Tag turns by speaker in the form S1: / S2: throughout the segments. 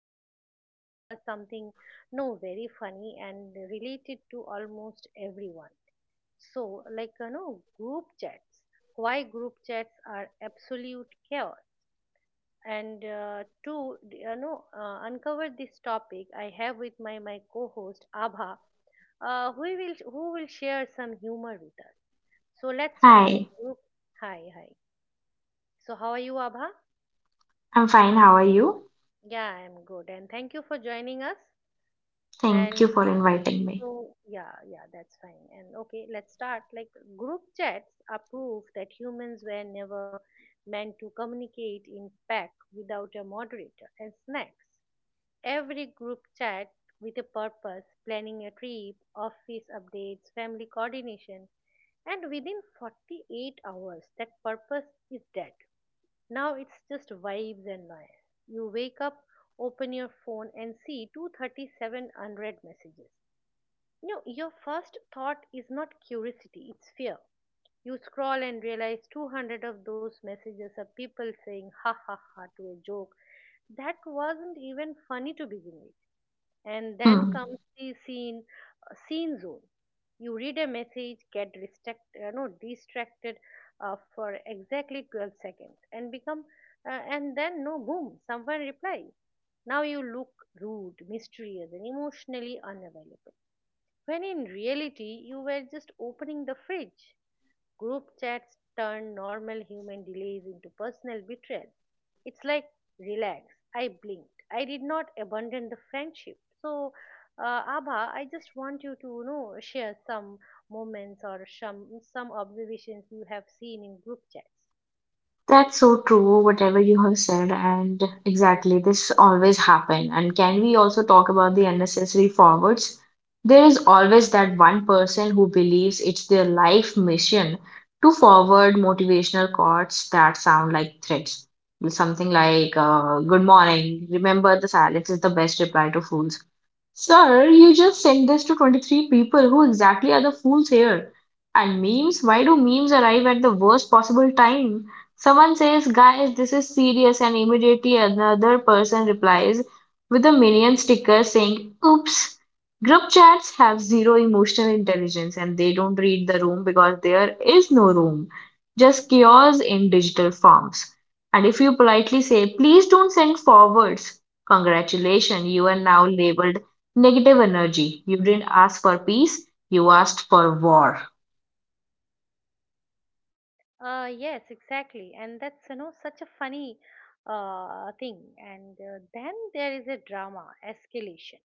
S1: we want to discuss something no very funny and related to almost everyone. So, like you know, group chats. Why group chats are absolute chaos. And to uncover this topic, I have with my co-host Abha, who will share some humor with us. So let's start. Like
S2: Hi,
S1: group. Hi, hi. So, how are you, Abha?
S2: I'm fine. How are you?
S1: Yeah, I'm good. And thank you for joining us. And
S2: Thank you for
S1: okay,
S2: inviting me.
S1: so yeah, yeah, that's fine. And okay, let's start. Like, group chats are proof that humans were never meant to communicate in pack without a moderator and snacks. Every group chat with a purpose, planning a trip, office updates, family coordination, and within 48 hours, that purpose is dead. Now it's just vibes and noise. You wake up, open your phone and see 237 unread messages. You know, your first thought is not curiosity, it's fear. You scroll and realize 200 of those messages are people saying ha ha ha to a joke that wasn't even funny to begin with. And then
S2: Hmm.
S1: comes the scene zone. You read a message, get distract, no, distracted for exactly 12 seconds, and become and then no boom, someone replies. Now you look rude, mysterious, and emotionally unavailable. When in reality, you were just opening the fridge. Group chats turn normal human delays into personal betrayal. It's like, relax, I blinked. I did not abandon the friendship. So, Abha, I just want you to share some moments or some observations you have seen in group chats.
S2: That's so true, whatever you have said, and exactly this always happen. And can we also talk about the unnecessary forwards? There is always that one person who believes it's their life mission to forward motivational quotes that sound like threats. Something like, good morning, remember the silence is the best reply to fools. Sir, you just sent this to 23 people. Who exactly are the fools here? And memes? Why do memes arrive at the worst possible time? Someone says, guys, this is serious, and immediately another person replies with a minion sticker saying, oops. Group chats have zero emotional intelligence and they don't read the room because there is no room, just chaos in digital forms. And if you politely say, please don't send forwards, congratulations, you are now labeled negative energy. You didn't ask for peace, you asked for war.
S1: Yes, exactly, and that's such a funny thing. And then there is a drama escalation.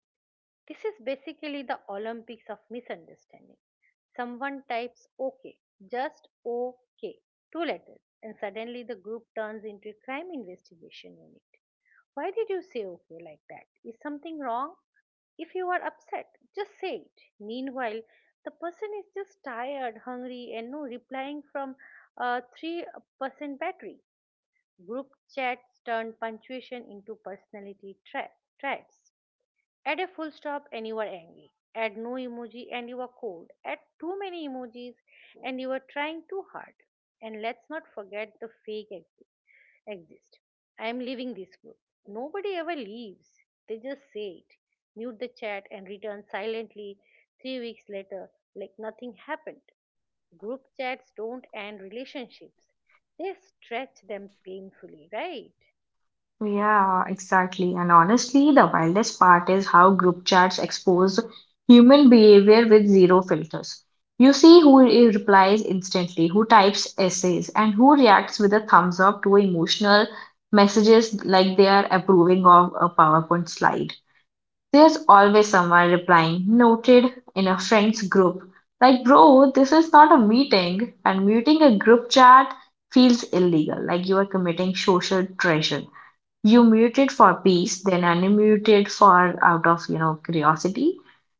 S1: This is basically the Olympics of misunderstanding. Someone types OK, just OK, two letters, and suddenly the group turns into a crime investigation unit. Why did you say OK like that? Is something wrong? If you are upset, just say it. Meanwhile, the person is just tired, hungry, and no replying from a 3% battery. Group chats turn punctuation into personality traps. Add a full stop and you are angry. Add no emoji and you are cold. Add too many emojis and you are trying too hard. And let's not forget the fake exist. I am leaving this group. Nobody ever leaves. They just say it, mute the chat and return silently 3 weeks later like nothing happened. Group chats don't end relationships. They stretch them painfully, right?
S2: Yeah, exactly. And honestly, the wildest part is how group chats expose human behavior with zero filters. You see who replies instantly, who types essays, and who reacts with a thumbs up to emotional messages like they are approving of a PowerPoint slide. There's always someone replying, noted, in a friend's group. Like, bro, this is not a meeting, and muting a group chat feels illegal, like you are committing social treason. You muted for peace, then unmuted for out of, you know, curiosity,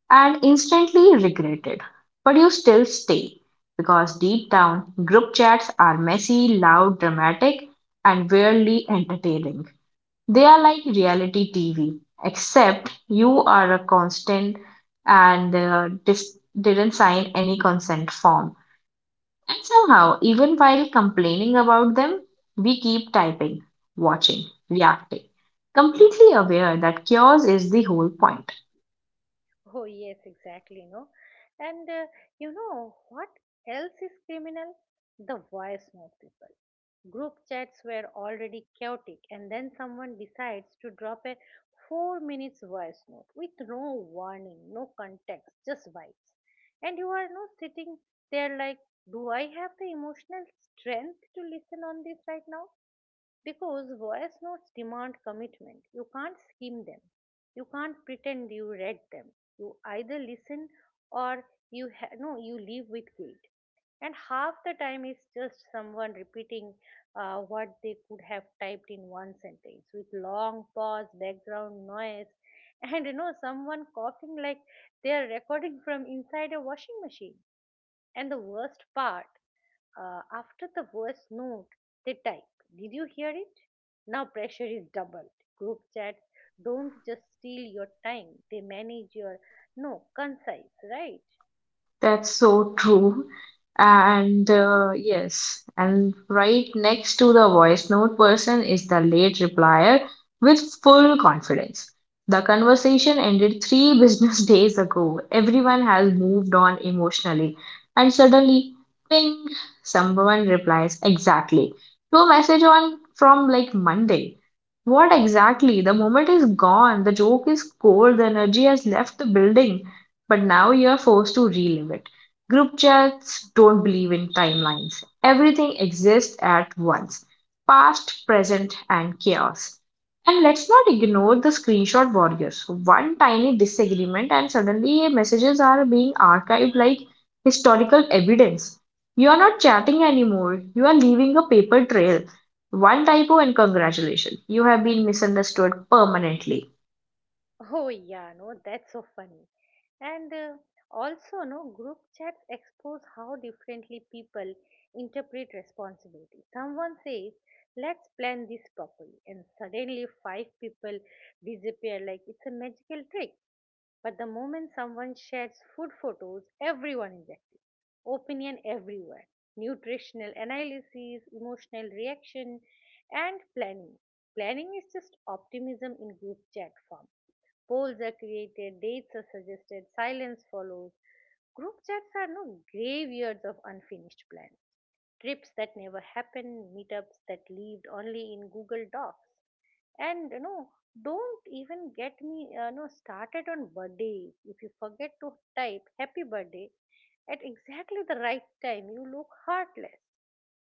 S2: and instantly regretted. But you still stay, because deep down, group chats are messy, loud, dramatic, and weirdly entertaining. They are like reality TV, except you are a constant and didn't sign any consent form. And somehow, even while complaining about them, we keep typing, watching, reacting, completely aware that chaos is the whole point.
S1: Oh, yes, exactly, no. And you know what else is criminal? The voice note people. Group chats were already chaotic, and then someone decides to drop a 4 minutes voice note with no warning, no context, just vibes. And you are not sitting there like, do I have the emotional strength to listen on this right now? Because voice notes demand commitment. You can't skim them. You can't pretend you read them. You either listen or you ha- no, you leave with guilt. And half the time it's just someone repeating what they could have typed in one sentence with long pause, background noise, and someone coughing like they are recording from inside a washing machine. And the worst part, after the voice note, they type, did you hear it? Now pressure is doubled. Group chats don't just steal your time, they manage your, no, concise, right?
S2: That's so true. And right next to the voice note person is the late replier with full confidence. The conversation ended three business days ago. Everyone has moved on emotionally. And suddenly, ping, someone replies exactly to a message on from like Monday. What exactly? The moment is gone. The joke is cold. The energy has left the building, but now you're forced to relive it. Group chats don't believe in timelines. Everything exists at once: past, present, and chaos. And let's not ignore the screenshot warriors. One tiny disagreement, and suddenly messages are being archived like historical evidence. You are not chatting anymore, you are leaving a paper trail. One typo, and congratulations, you have been misunderstood permanently.
S1: Oh, yeah, no, that's so funny. And also, no, group chats expose how differently people interpret responsibility. Someone says, let's plan this properly, and suddenly five people disappear like it's a magical trick. But the moment someone shares food photos, everyone is active. Opinion everywhere. Nutritional analysis, emotional reaction, and planning. Planning is just optimism in group chat form. Polls are created, dates are suggested, silence follows. Group chats are no graveyards of unfinished plans. Trips that never happen, meetups that lived only in Google Docs, and don't even get me started on birthdays. If you forget to type happy birthday at exactly the right time you look heartless,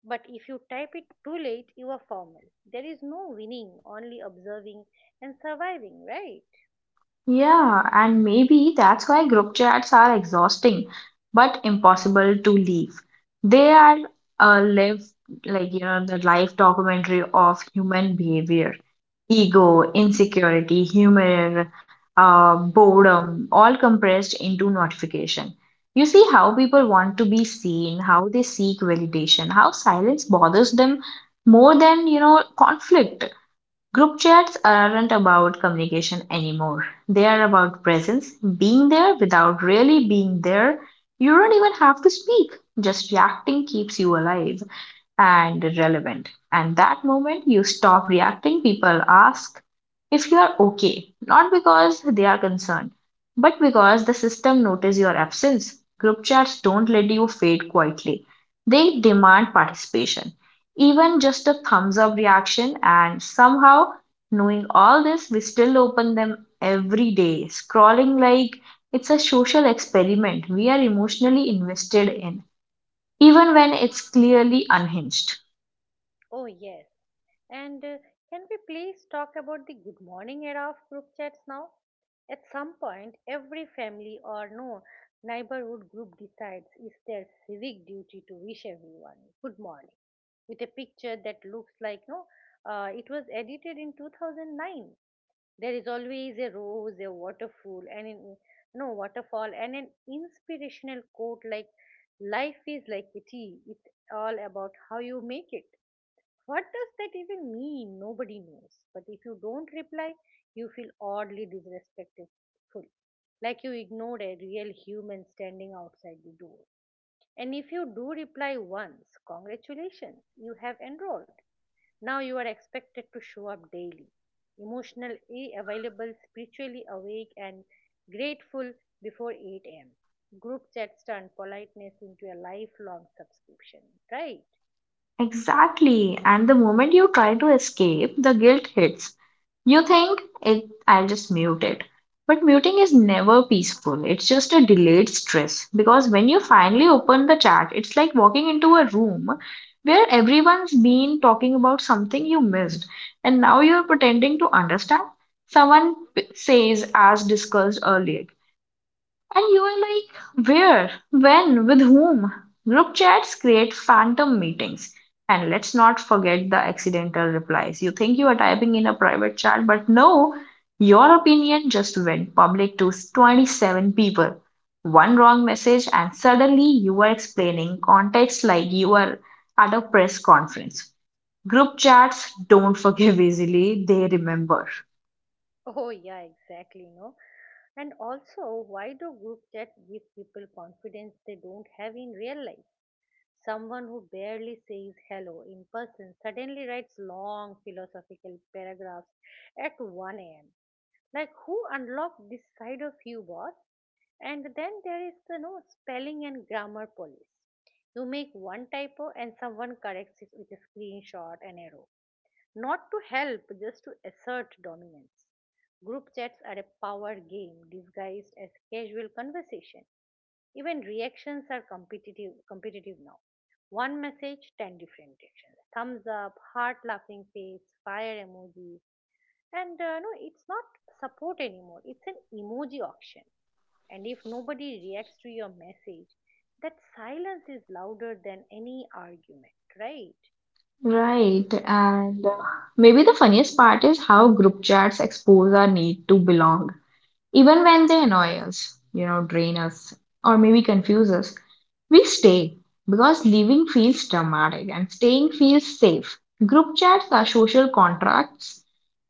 S1: but if you type it too late you are formal. There is no winning, only observing and surviving, right?
S2: Yeah, and maybe that's why group chats are exhausting but impossible to leave. They are a live, like, you know, the life documentary of human behavior, ego, insecurity, humor, boredom, all compressed into notification. You see how people want to be seen, how they seek validation, how silence bothers them more than, you know, conflict. Group chats aren't about communication anymore. They are about presence, being there without really being there. You don't even have to speak, just reacting keeps you alive and relevant. And that moment you stop reacting, people ask if you are okay, not because they are concerned, but because the system notices your absence. Group chats don't let you fade quietly, they demand participation, even just a thumbs up reaction. And somehow, knowing all this, we still open them every day, scrolling like it's a social experiment we are emotionally invested in, even when it's clearly unhinged.
S1: Oh yes. And can we please talk about the good morning era of group chats now? At some point, every family or no neighborhood group decides it's their civic duty to wish everyone good morning with a picture that looks like no, it was edited in 2009. There is always a rose, a waterfall, and an, no waterfall, and an inspirational quote like, "Life is like a tea. It's all about how you make it." What does that even mean? Nobody knows. But if you don't reply, you feel oddly disrespectful, like you ignored a real human standing outside the door. And if you do reply once, congratulations, you have enrolled. Now you are expected to show up daily, emotionally available, spiritually awake, and grateful before 8 am. Group chats turn politeness into a lifelong subscription, right?
S2: Exactly. And the moment you try to escape, the guilt hits. You think it I'll just mute it. But muting is never peaceful. It's just a delayed stress because when you finally open the chat, it's like walking into a room where everyone's been talking about something you missed and now you're pretending to understand. Someone says as discussed earlier, and you are like, where, when, with whom? Group chats create phantom meetings. And let's not forget the accidental replies. You think you are typing in a private chat, but no, your opinion just went public to 27 people. One wrong message, and suddenly you are explaining context like you are at a press conference. Group chats don't forgive easily, they remember.
S1: Oh, yeah, exactly. No, and also, why do group chat give people confidence they don't have in real life? Someone who barely says hello in person suddenly writes long philosophical paragraphs at 1 a.m. Like, who unlocked this side of you, boss? And then there is the no spelling and grammar police. You make one typo and someone corrects it with a screenshot and arrow, not to help, just to assert dominance. Group chats are a power game disguised as casual conversation. Even reactions are competitive now. One message, 10 different reactions. Thumbs up, heart laughing face, fire emoji. And no, It's not support anymore. It's an emoji auction. And if nobody reacts to your message, that silence is louder than any argument, right?
S2: Right, and maybe the funniest part is how group chats expose our need to belong, even when they annoy us, you know, drain us, or maybe confuse us. We stay because leaving feels dramatic and staying feels safe. Group chats are social contracts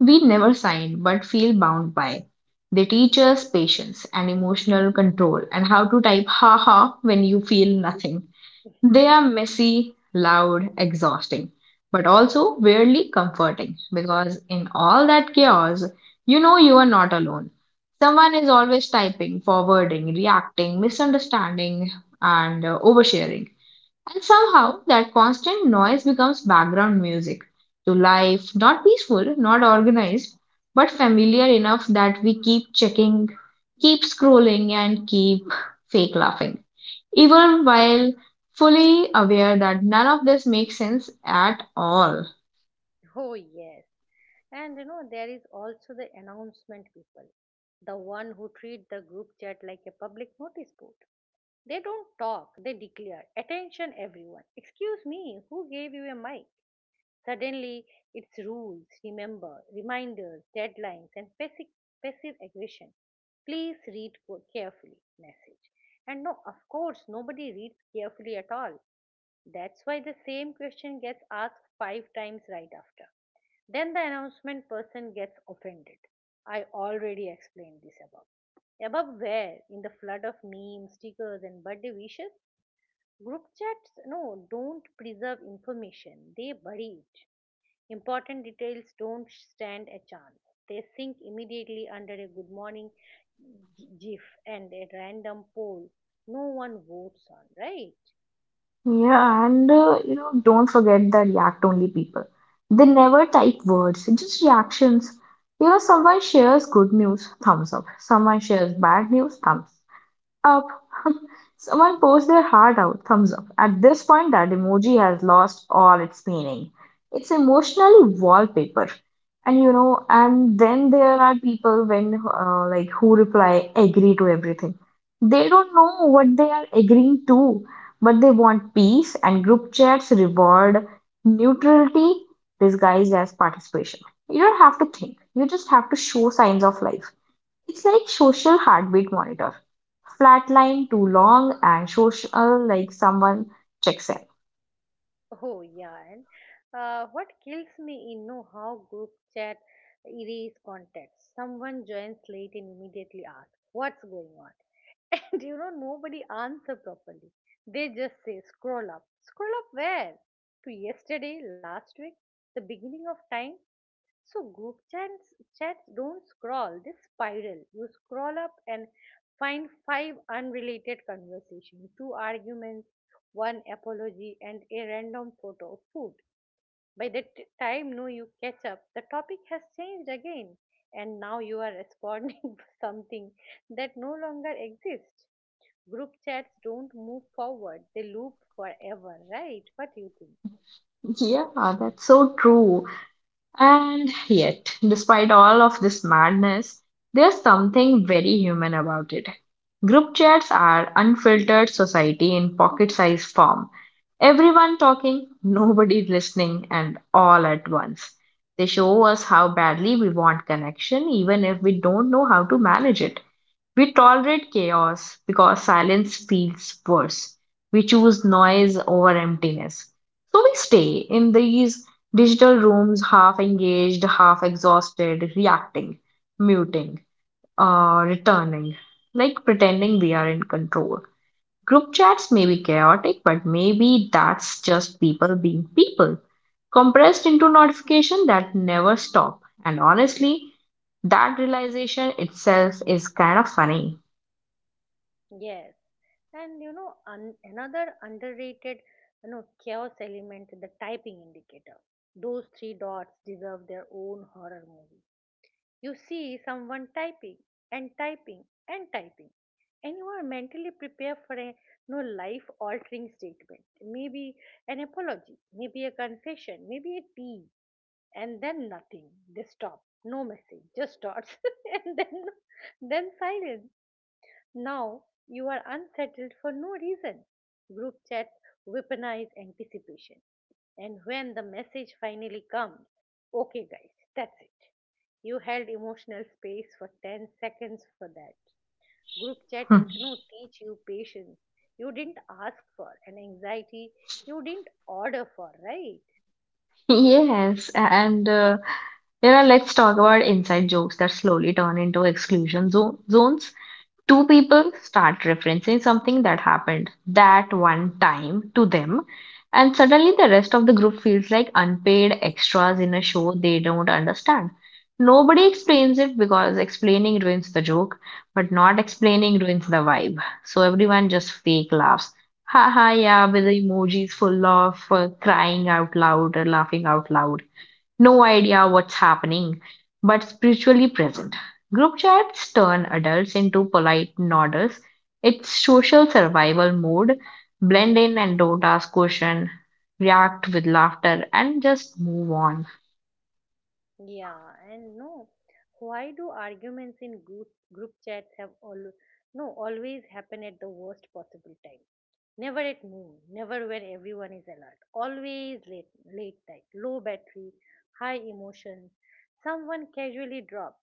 S2: we never signed but feel bound by. They teach us patience and emotional control and how to type haha when you feel nothing. They are messy, loud, exhausting, but also weirdly comforting because in all that chaos, you know you are not alone. Someone is always typing, forwarding, reacting, misunderstanding, and oversharing. And somehow that constant noise becomes background music to life, not peaceful, not organized, but familiar enough that we keep checking, keep scrolling, and keep fake laughing even while fully aware that none of this makes sense at all.
S1: Oh, yes. And you know, there is also the announcement people, the one who treat the group chat like a public notice board. They don't talk, they declare, attention everyone. Excuse me, who gave you a mic? Suddenly, it's rules, remember, reminders, deadlines, and passive aggression. Please read carefully message. And no, of course, nobody reads carefully at all. That's why the same question gets asked five times right after. Then the announcement person gets offended. I already explained this above. Above where? In the flood of memes, stickers, and birthday wishes, group chats no, don't preserve information, they bury it. Important details don't stand a chance. They sink immediately under a good morning gif and a random poll no one votes on, right?
S2: Yeah, and you know, don't forget the react only people. They never type words, just reactions. You know, someone shares good news, thumbs up. Someone shares bad news, thumbs. Up. Someone pours their heart out. Thumbs up. At this point, that emoji has lost all its meaning. It's emotionally wallpaper. And you know, and then there are people when like who reply agree to everything. They don't know what they are agreeing to, but they want peace and group chats reward neutrality disguised as participation. You don't have to think. You just have to show signs of life. It's like social heartbeat monitor. Flatline too long and social like someone checks in.
S1: Oh yeah, and what kills me in know how group chat erase context. Someone joins late and immediately asks, "What's going on?" And you know nobody answer properly. They just say, "Scroll up." Scroll up where? To yesterday, last week, the beginning of time. So group chats don't scroll. They spiral. You scroll up and find five unrelated conversations, two arguments, one apology, and a random photo of food. By the time no you catch up, the topic has changed again, and now you are responding to something that no longer exists. Group chats don't move forward; they loop forever, right? What do you think?
S2: Yeah, that's so true. And yet, despite all of this madness, there's something very human about it. Group chats are unfiltered society in pocket-sized form. Everyone talking, nobody listening, and all at once. They show us how badly we want connection, even if we don't know how to manage it. We tolerate chaos because silence feels worse. We choose noise over emptiness. So we stay in these digital rooms, half engaged, half exhausted, reacting, muting, returning, like pretending we are in control. Group chats may be chaotic, but maybe that's just people being people, compressed into notification that never stop. And honestly, that realization itself is kind of funny.
S1: Yes, and you know another underrated, you know, chaos element: the typing indicator. Those three dots deserve their own horror movie. You see someone typing and typing and typing, and you are mentally prepared for a no life altering statement, maybe an apology, maybe a confession, maybe a tea, and then nothing. They stop, no message, just dots, and then silence. Now you are unsettled for no reason. Group chats weaponize anticipation. And when the message finally comes, okay, guys, that's it. You held emotional space for 10 seconds for that. Group chat no teach you patience. You didn't ask for an anxiety you didn't order for, right?
S2: Yes, and you know, let's talk about inside jokes that slowly turn into exclusion zones. Two people start referencing something that happened that one time to them, and suddenly the rest of the group feels like unpaid extras in a show they don't understand. Nobody explains it because explaining ruins the joke, but not explaining ruins the vibe. So everyone just fake laughs. Haha, yeah, with the emojis full of crying out loud or laughing out loud, no idea what's happening, but spiritually present. Group chats turn adults into polite nodders. It's social survival mode. Blend in and don't ask question, react with laughter, and just move on.
S1: Yeah, and no. Why do arguments in group chats have all no always happen at the worst possible time? Never at noon, never when everyone is alert. Always late, late night, low battery, high emotion. Someone casually drops.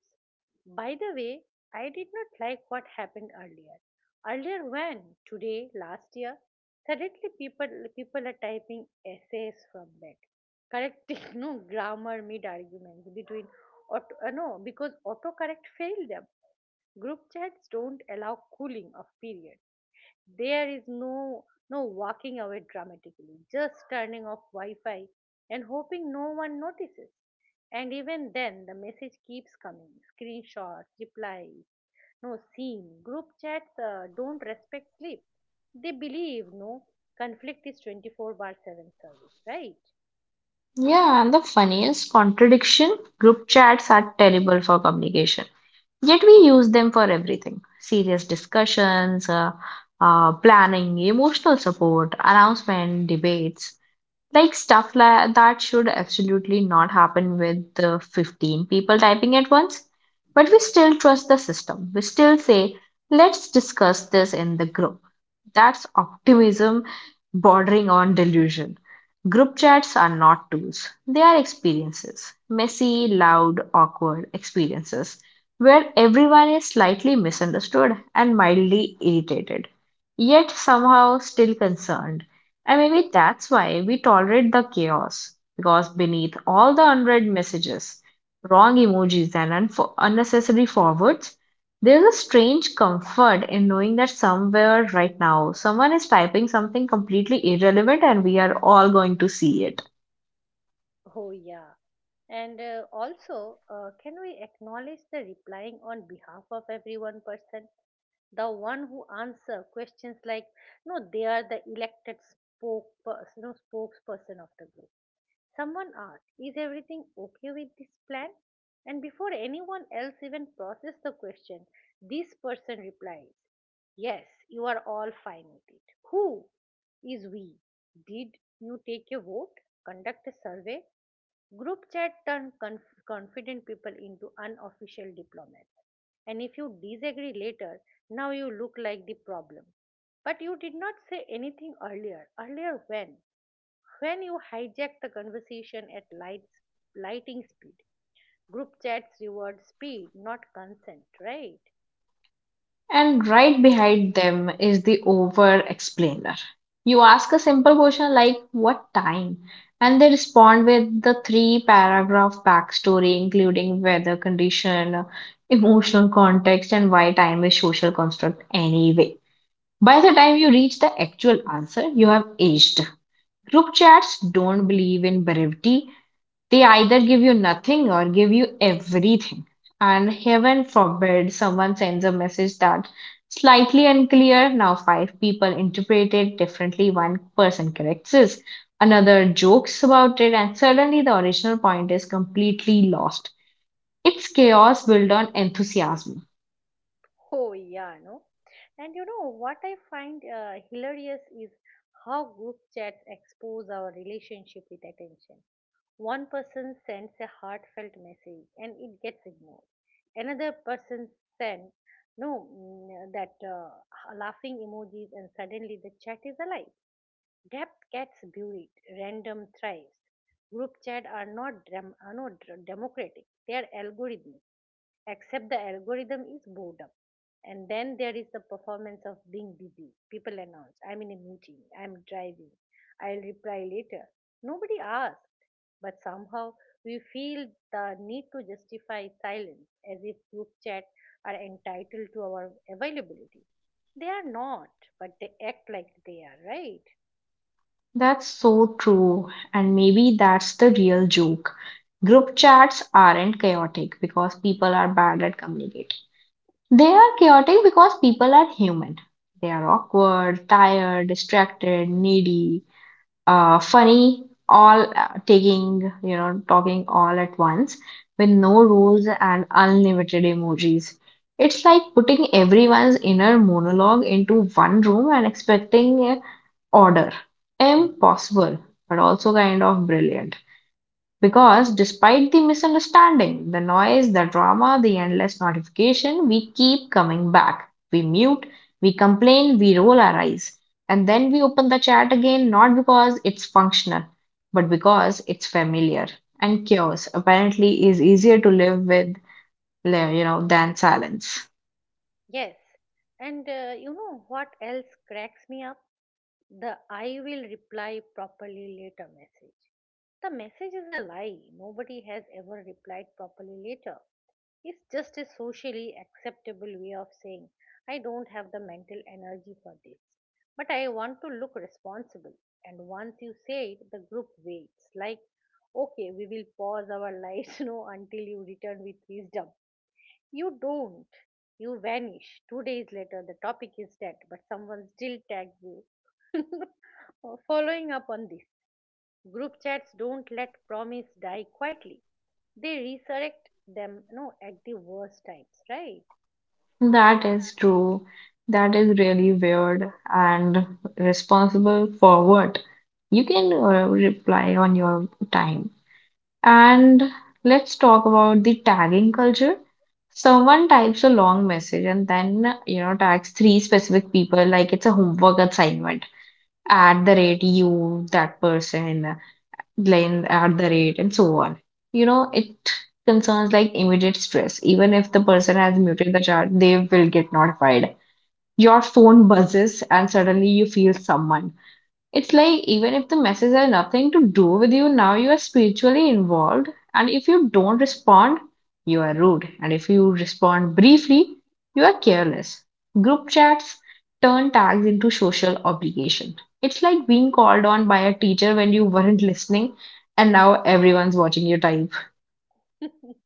S1: By the way, I did not like what happened earlier. Earlier when? Today, last year? Suddenly people are typing essays from bed. Correcting no grammar mid arguments between auto, no because autocorrect failed them. Group chats don't allow cooling of period. There is no walking away dramatically, just turning off Wi-Fi and hoping no one notices. And even then, the message keeps coming: screenshots, replies, no seen. Group chats don't respect sleep. They believe no conflict is 24 bar 7 service, right?
S2: Yeah, and the funniest contradiction: group chats are terrible for communication. Yet we use them for everything: serious discussions, planning, emotional support, announcement, debates. Like stuff la that should absolutely not happen with the 15 people typing at once. But we still trust the system. We still say, let's discuss this in the group. That's optimism bordering on delusion. Group chats are not tools, they are experiences: messy, loud, awkward experiences where everyone is slightly misunderstood and mildly irritated, yet somehow still concerned. And maybe that's why we tolerate the chaos, because beneath all the unread messages, wrong emojis, and unnecessary forwards, there's a strange comfort in knowing that somewhere right now someone is typing something completely irrelevant and we are all going to see it.
S1: Oh yeah. And also, can we acknowledge the replying on behalf of everyone person? The one who answer questions like no they are the elected spoke you know, spokesperson of the group. Someone asked, is everything okay with this plan? And before anyone else even processed the question, this person replies, "Yes, you are all fine with it." Who is we? Did you take a vote? Conduct a survey? Group chat turned confident people into unofficial diplomats. And if you disagree later, now you look like the problem. But you did not say anything earlier. Earlier when? When you hijack the conversation at lighting speed, group chats reward speed, not consent, right?
S2: And right behind them is the over explainer. You ask a simple question like, what time? And they respond with the three paragraph backstory, including weather condition, emotional context, and why time is social construct anyway. By the time you reach the actual answer, you have aged. Group chats don't believe in brevity. They either give you nothing or give you everything. And heaven forbid someone sends a message that slightly unclear. Now five people interpret it differently. One person corrects it, another jokes about it, and suddenly the original point is completely lost. It's chaos built on enthusiasm.
S1: Oh, yeah, no? And you know what I find hilarious is how group chats expose our relationship with attention. One person sends a heartfelt message and it gets ignored. Another person sends no mm, that laughing emojis and suddenly the chat is alive. Depth gets buried, random thrives. Group chat are not democratic, they are algorithmic, except the algorithm is boredom. And then there is the performance of being busy. People announce, "I'm in a meeting, I'm driving, I'll reply later." Nobody asked, but somehow we feel the need to justify silence as if group chat are entitled to our availability. They are not, but they act like they are, right?
S2: That's so true, and maybe that's the real joke. Group chats aren't chaotic because people are bad at communicating. They are chaotic because people are human. They are awkward, tired, distracted, needy, funny, you know, talking all at once with no rules and unlimited emojis. It's like putting everyone's inner monologue into one room and expecting order. Impossible, but also kind of brilliant. Because despite the misunderstanding, the noise, the drama, the endless notification, we keep coming back. We mute, we complain, we roll our eyes. And then we open the chat again, not because it's functional, but because it's familiar. And chaos apparently is easier to live with, than silence.
S1: Yes, and you know what else cracks me up? The "I will reply properly later" message. The message is a lie. Nobody has ever replied properly later. It's just a socially acceptable way of saying, "I don't have the mental energy for this, but I want to look responsible." And once you say it, the group waits. Like, okay, we will pause our lives, you know, until you return with wisdom. You don't. You vanish. Two days later, the topic is dead, but someone still tags you. Following up on this, group chats don't let promise die quietly. They resurrect them, no, at the worst times, right?
S2: That is true. That is really weird and responsible for what? You can reply on your time. And let's talk about the tagging culture. Someone types a long message and then, you know, tags three specific people like it's a homework assignment at the rate you, that person, then at the rate, and so on. You know, it concerns like immediate stress. Even if the person has muted the chat, they will get notified. Your phone buzzes and suddenly you feel someone. It's like even if the messages are nothing to do with you, now you are spiritually involved. And if you don't respond, you are rude. And if you respond briefly, you are careless. Group chats turn tags into social obligation. It's like being called on by a teacher when you weren't listening and now everyone's watching you type.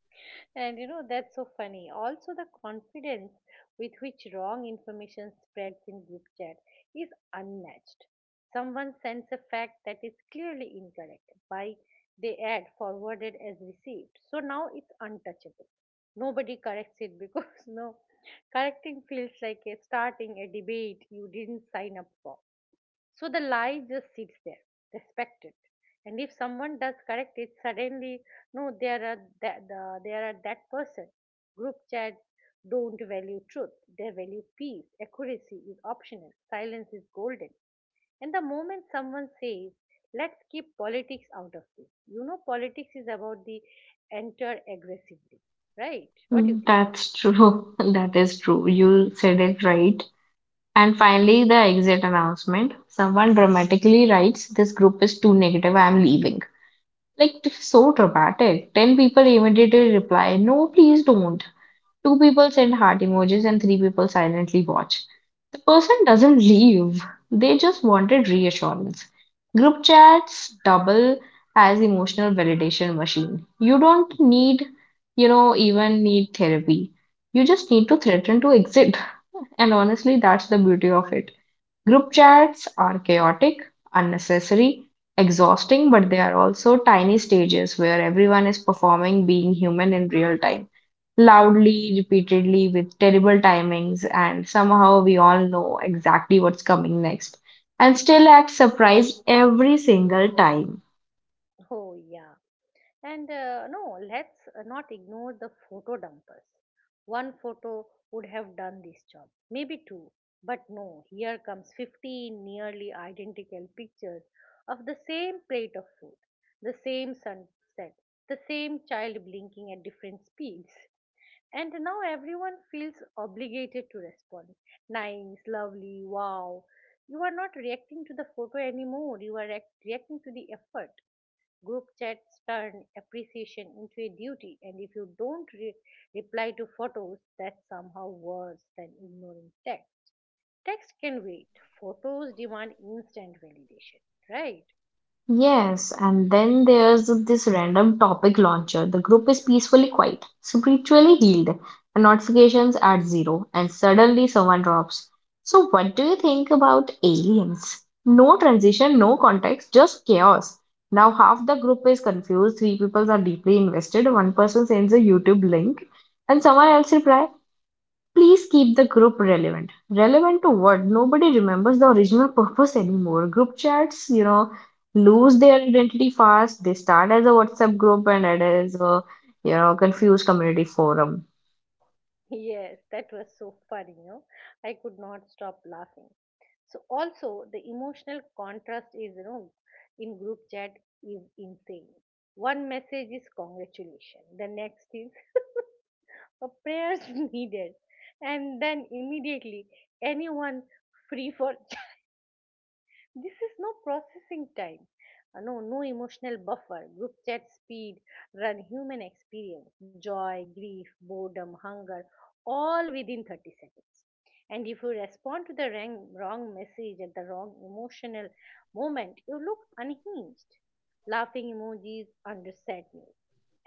S1: And you know, that's so funny. Also, the confidence with which wrong information spreads in group chat is unmatched. Someone sends a fact that is clearly incorrect by they add "forwarded as received." So now it's untouchable. Nobody corrects it because no correcting feels like a starting a debate you didn't sign up for. So the lie just sits there, respected. And if someone does correct it, suddenly, no, they are they are a that person. Group chat don't value truth; they value peace. Accuracy is optional. Silence is golden. And the moment someone says, "Let's keep politics out of this," you know, politics is about the enter aggressively, right? What do you
S2: Mm,
S1: think?
S2: that's true. That is true. You said it right. And finally, the exit announcement. Someone dramatically writes, "This group is too negative, I am leaving." Like, so dramatic. 10 people immediately reply, "No, please don't." Two people send heart emojis and three people silently watch. The person doesn't leave, they just wanted reassurance. Group chats double as emotional validation machine. You don't even need therapy. You just need to threaten to exit. And honestly, that's the beauty of it. Group chats are chaotic, unnecessary, exhausting, but they are also tiny stages where everyone is performing being human in real time, loudly, repeatedly, with terrible timings, and somehow we all know exactly what's coming next and still act surprised every single time.
S1: Oh yeah. And no, let's not ignore the photo dumpers. One photo would have done this job, maybe two. But no, here comes 15 nearly identical pictures of the same plate of food, the same sunset, the same child blinking at different speeds. And now everyone feels obligated to respond. Nice, lovely, wow. You are not reacting to the photo anymore, you are reacting to the effort. Group chats turn appreciation into a duty, and if you don't reply to photos, that's somehow worse than ignoring text. Text can wait, photos demand instant validation, right?
S2: Yes, and then there's this random topic launcher. The group is peacefully quiet, spiritually healed, and notifications at zero, and suddenly someone drops. So, what do you think about aliens? No transition, no context, just chaos. Now, half the group is confused, three people are deeply invested, one person sends a YouTube link, and someone else replies, "Please keep the group relevant." Relevant to what? Nobody remembers the original purpose anymore. Group chats, you know, lose their identity fast. They start as a WhatsApp group and it is a, you know, confused community forum.
S1: Yes, that was so funny, you know. I could not stop laughing. So also the emotional contrast is, you know, in group chat is insane. One message is congratulation, the next is a prayers needed, and then immediately anyone free for chat. This is no processing time. No, no emotional buffer, group chat speed run human experience, joy, grief, boredom, hunger, all within 30 seconds. And if you respond to the wrong message at the wrong emotional moment, you look unhinged. Laughing emojis under sad news,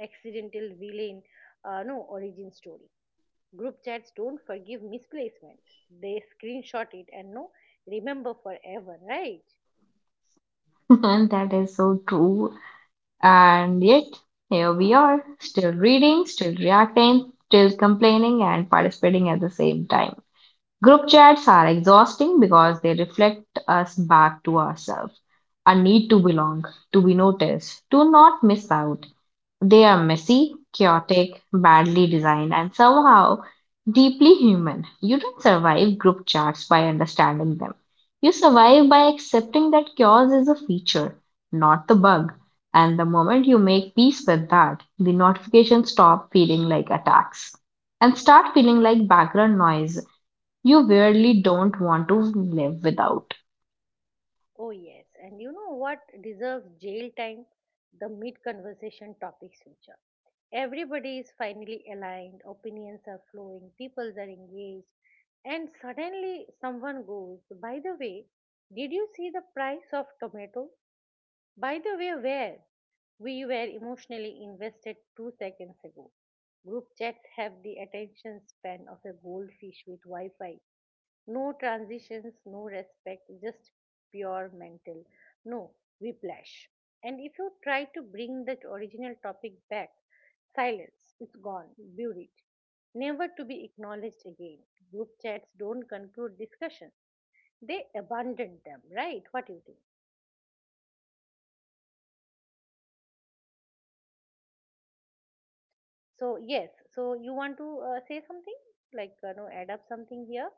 S1: accidental villain, no origin story. Group chats don't forgive misplacement. They screenshot it and no remember forever, right?
S2: And that is so true. And yet, here we are, still reading, still reacting, still complaining, and participating at the same time. Group chats are exhausting because they reflect us back to ourselves, our need to belong, to be noticed, to not miss out. They are messy, chaotic, badly designed, and somehow deeply human. You don't survive group chats by understanding them. You survive by accepting that chaos is a feature, not the bug. And the moment you make peace with that, the notifications stop feeling like attacks and start feeling like background noise you really don't want to live without.
S1: Oh yes. And you know what deserves jail time? The mid conversation topic switcher. Everybody is finally aligned, opinions are flowing, people are engaged, and suddenly someone goes, "By the way, did you see the price of tomato?" By the way, where we were emotionally invested two seconds ago. Group chats have the attention span of a goldfish with Wi Fi. No transitions, no respect, just pure mental. No whiplash. And if you try to bring that original topic back, silence, it's gone, buried, never to be acknowledged again. Group chats don't conclude discussion, they abandon them, right? What do you think? So yes, so you want to say something like no, add up something here?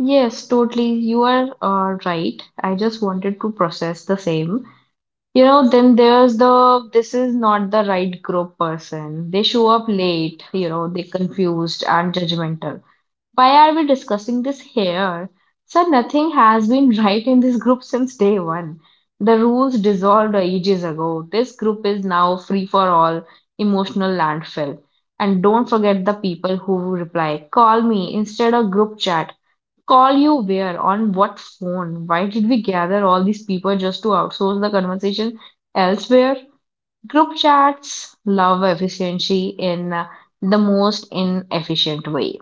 S2: Yes, totally. You are right. I just wanted to process the same. You know, then there's the "this is not the right group" person. They show up late, you know, they confused and judgmental. Why are we discussing this here? Sir, nothing has been right in this group since day one. The rules dissolved ages ago. This group is now free for all emotional landfill. And don't forget the people who reply, "Call me instead of group chat." Call you where? On what phone? Why did we gather all these people just to outsource the conversation elsewhere? Group chats love efficiency in the most inefficient way.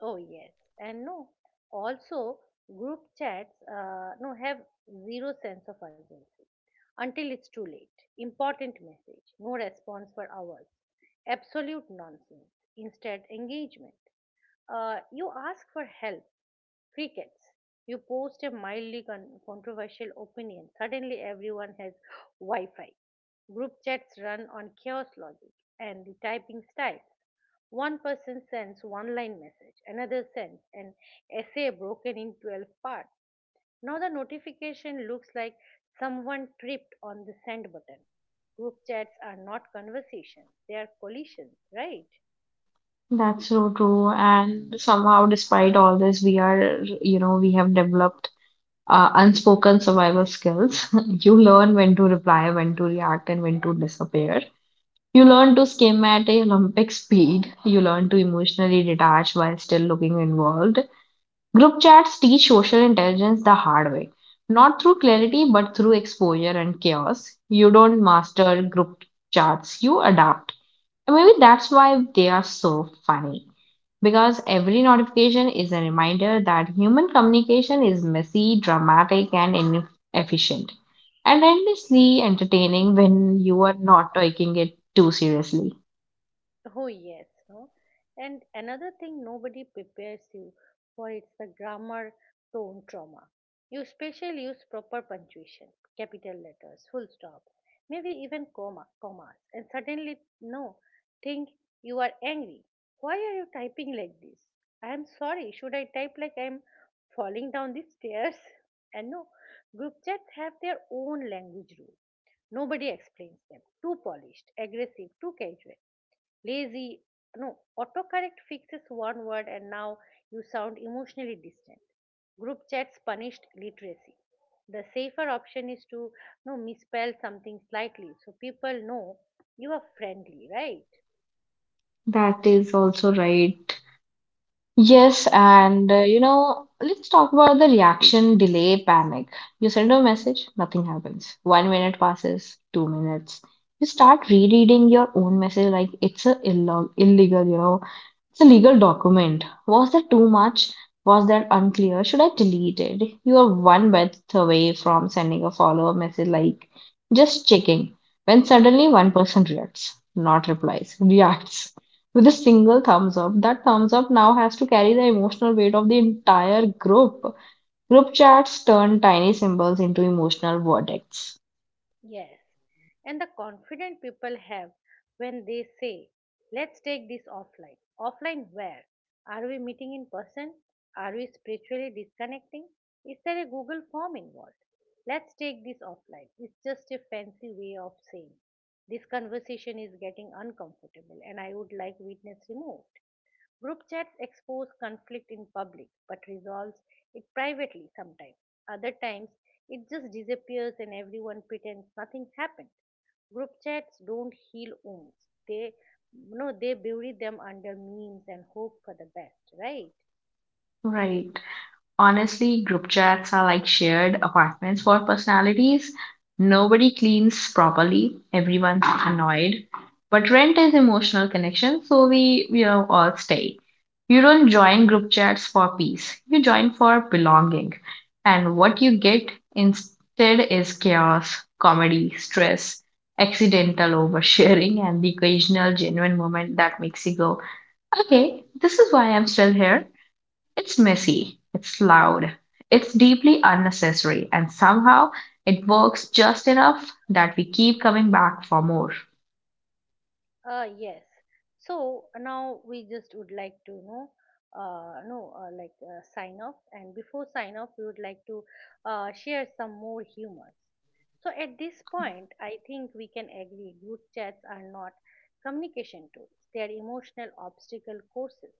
S1: Oh yes, and no. Also, group chats no have zero sense of urgency until it's too late. Important message, no response for hours. Absolute nonsense. Instead, engagement. You ask for help, crickets. You post a mildly controversial opinion. Suddenly, everyone has Wi Fi. Group chats run on chaos logic. And the typing style. One person sends one line message, another sends an essay broken in 12 parts. Now the notification looks like someone tripped on the send button. Group chats are not conversations, they are collisions, right?
S2: That's so true. And somehow, despite all this, we are, you know, we have developed unspoken survival skills. You learn when to reply, when to react, and when to disappear. You learn to skim at a Olympic speed. You learn to emotionally detach while still looking involved. Group chats teach social intelligence the hard way, not through clarity, but through exposure and chaos. You don't master group chats, you adapt. And maybe that's why they are so funny. Because every notification is a reminder that human communication is messy, dramatic, and inefficient. And endlessly entertaining when you are not taking it too seriously.
S1: Oh yes, no. And another thing nobody prepares you for, it's the grammar tone trauma. You special use proper punctuation, capital letters, full stop, maybe even commas, and suddenly no, think you are angry. Why are you typing like this? I am sorry. Should I type like I am falling down the stairs? And no, group chats have their own language rules. Nobody explains them. Too polished, aggressive, too casual lazy. No, autocorrect fixes one word and now you sound emotionally distant. Group chats punished literacy. The safer option is to, you know, misspell something slightly so people know you are friendly, right?
S2: That is also right. Yes, and you know, let's talk about the reaction delay panic. You send a message, nothing happens. 1 minute passes, 2 minutes. You start rereading your own message like it's a illo illegal, you know, it's a legal document. Was that too much? Was that unclear? Should I delete it? You are one breath away from sending a follow-up message like just checking. When suddenly one person reacts, not replies, reacts with a single thumbs up. That thumbs up now has to carry the emotional weight of the entire group. Group chats turn tiny symbols into emotional verdicts.
S1: Yes, and the confident people have when they say, "Let's take this offline." Offline where? Are we meeting in person? Are we spiritually disconnecting? Is there a Google form involved? "Let's take this offline." It's just a fancy way of saying this conversation is getting uncomfortable and I would like witness removed. Group chats expose conflict in public but resolves it privately sometimes. Other times, it just disappears and everyone pretends nothing happened. Group chats don't heal wounds. They no, they bury them under memes and hope for the best, right?
S2: Right. Honestly, group chats are like shared apartments for personalities. Nobody cleans properly, everyone's annoyed. But rent is emotional connection, so we are all stay. You don't join group chats for peace, you join for belonging. And what you get instead is chaos, comedy, stress, accidental oversharing, and the occasional genuine moment that makes you go, okay, this is why I'm still here. It's messy, it's loud, it's deeply unnecessary, and somehow it works just enough that we keep coming back for more.
S1: Yes. So now we just would like to know, no, like sign off. And before sign off, we would like to share some more humors. So at this point, I think we can agree group chats are not communication tools. They are emotional obstacle courses.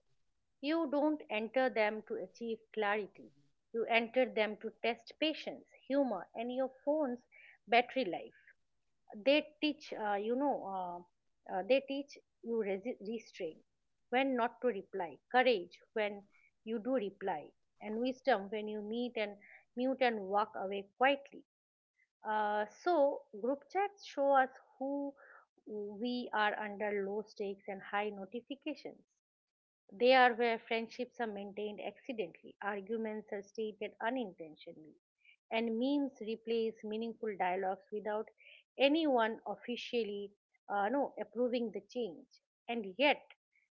S1: You don't enter them to achieve clarity. You enter them to test patience, humor, and your phone's battery life. They teach they teach you restraint when not to reply, courage when you do reply, and wisdom when you meet and mute and walk away quietly. So group chats show us who we are under low stakes and high notifications. They are where friendships are maintained accidentally, arguments are stated unintentionally, and memes replace meaningful dialogues without anyone officially no, approving the change. And yet,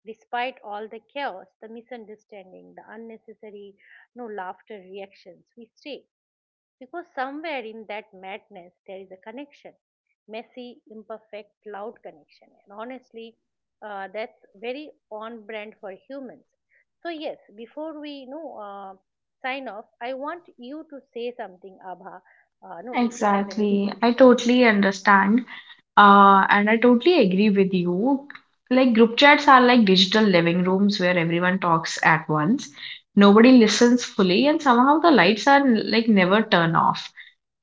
S1: despite all the chaos, the misunderstanding, the unnecessary no laughter reactions, we stay. Because somewhere in that madness there is a connection, messy, imperfect, loud connection. And honestly, that's very on brand for humans. So yes, before we, you know, sign off, I want you to say something, Abha. No, if you have anything
S2: Exactly.
S1: to
S2: I
S1: share.
S2: totally understand. And I totally agree with you. Like, group chats are like digital living rooms where everyone talks at once. Nobody listens fully, and somehow the lights are like never turn off.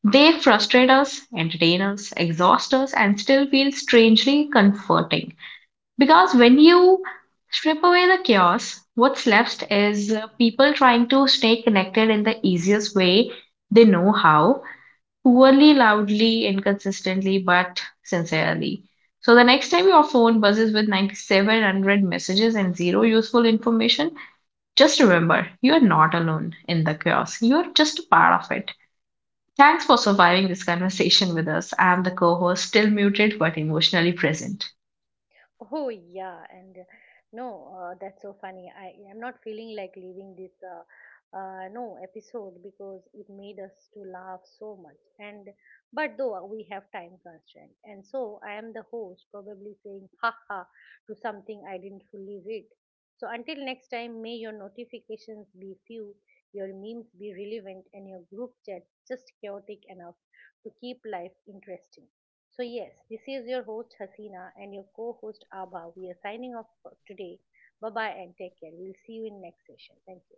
S2: They frustrate us, entertain us, exhaust us, and still feel strangely comforting. Because when you strip away the chaos, what's left is people trying to stay connected in the easiest way they know how, poorly, loudly, inconsistently, but sincerely. So the next time your phone buzzes with 9,700 messages and zero useful information, just remember you are not alone in the chaos. You are just a part of it. Thanks for surviving this conversation with us. I'm the co host, still muted but emotionally present.
S1: Oh yeah, and no, that's so funny. I'm not feeling like leaving this no episode because it made us to laugh so much. And but though we have time constraint, and so I am the host probably saying ha ha to something I didn't fully read. So until next time, may your notifications be few, your memes be relevant, and your group chats just chaotic enough to keep life interesting. So, yes, this is your host Hasina and your co host Abha. We are signing off for today. Bye bye and take care. We'll see you in next session. Thank you.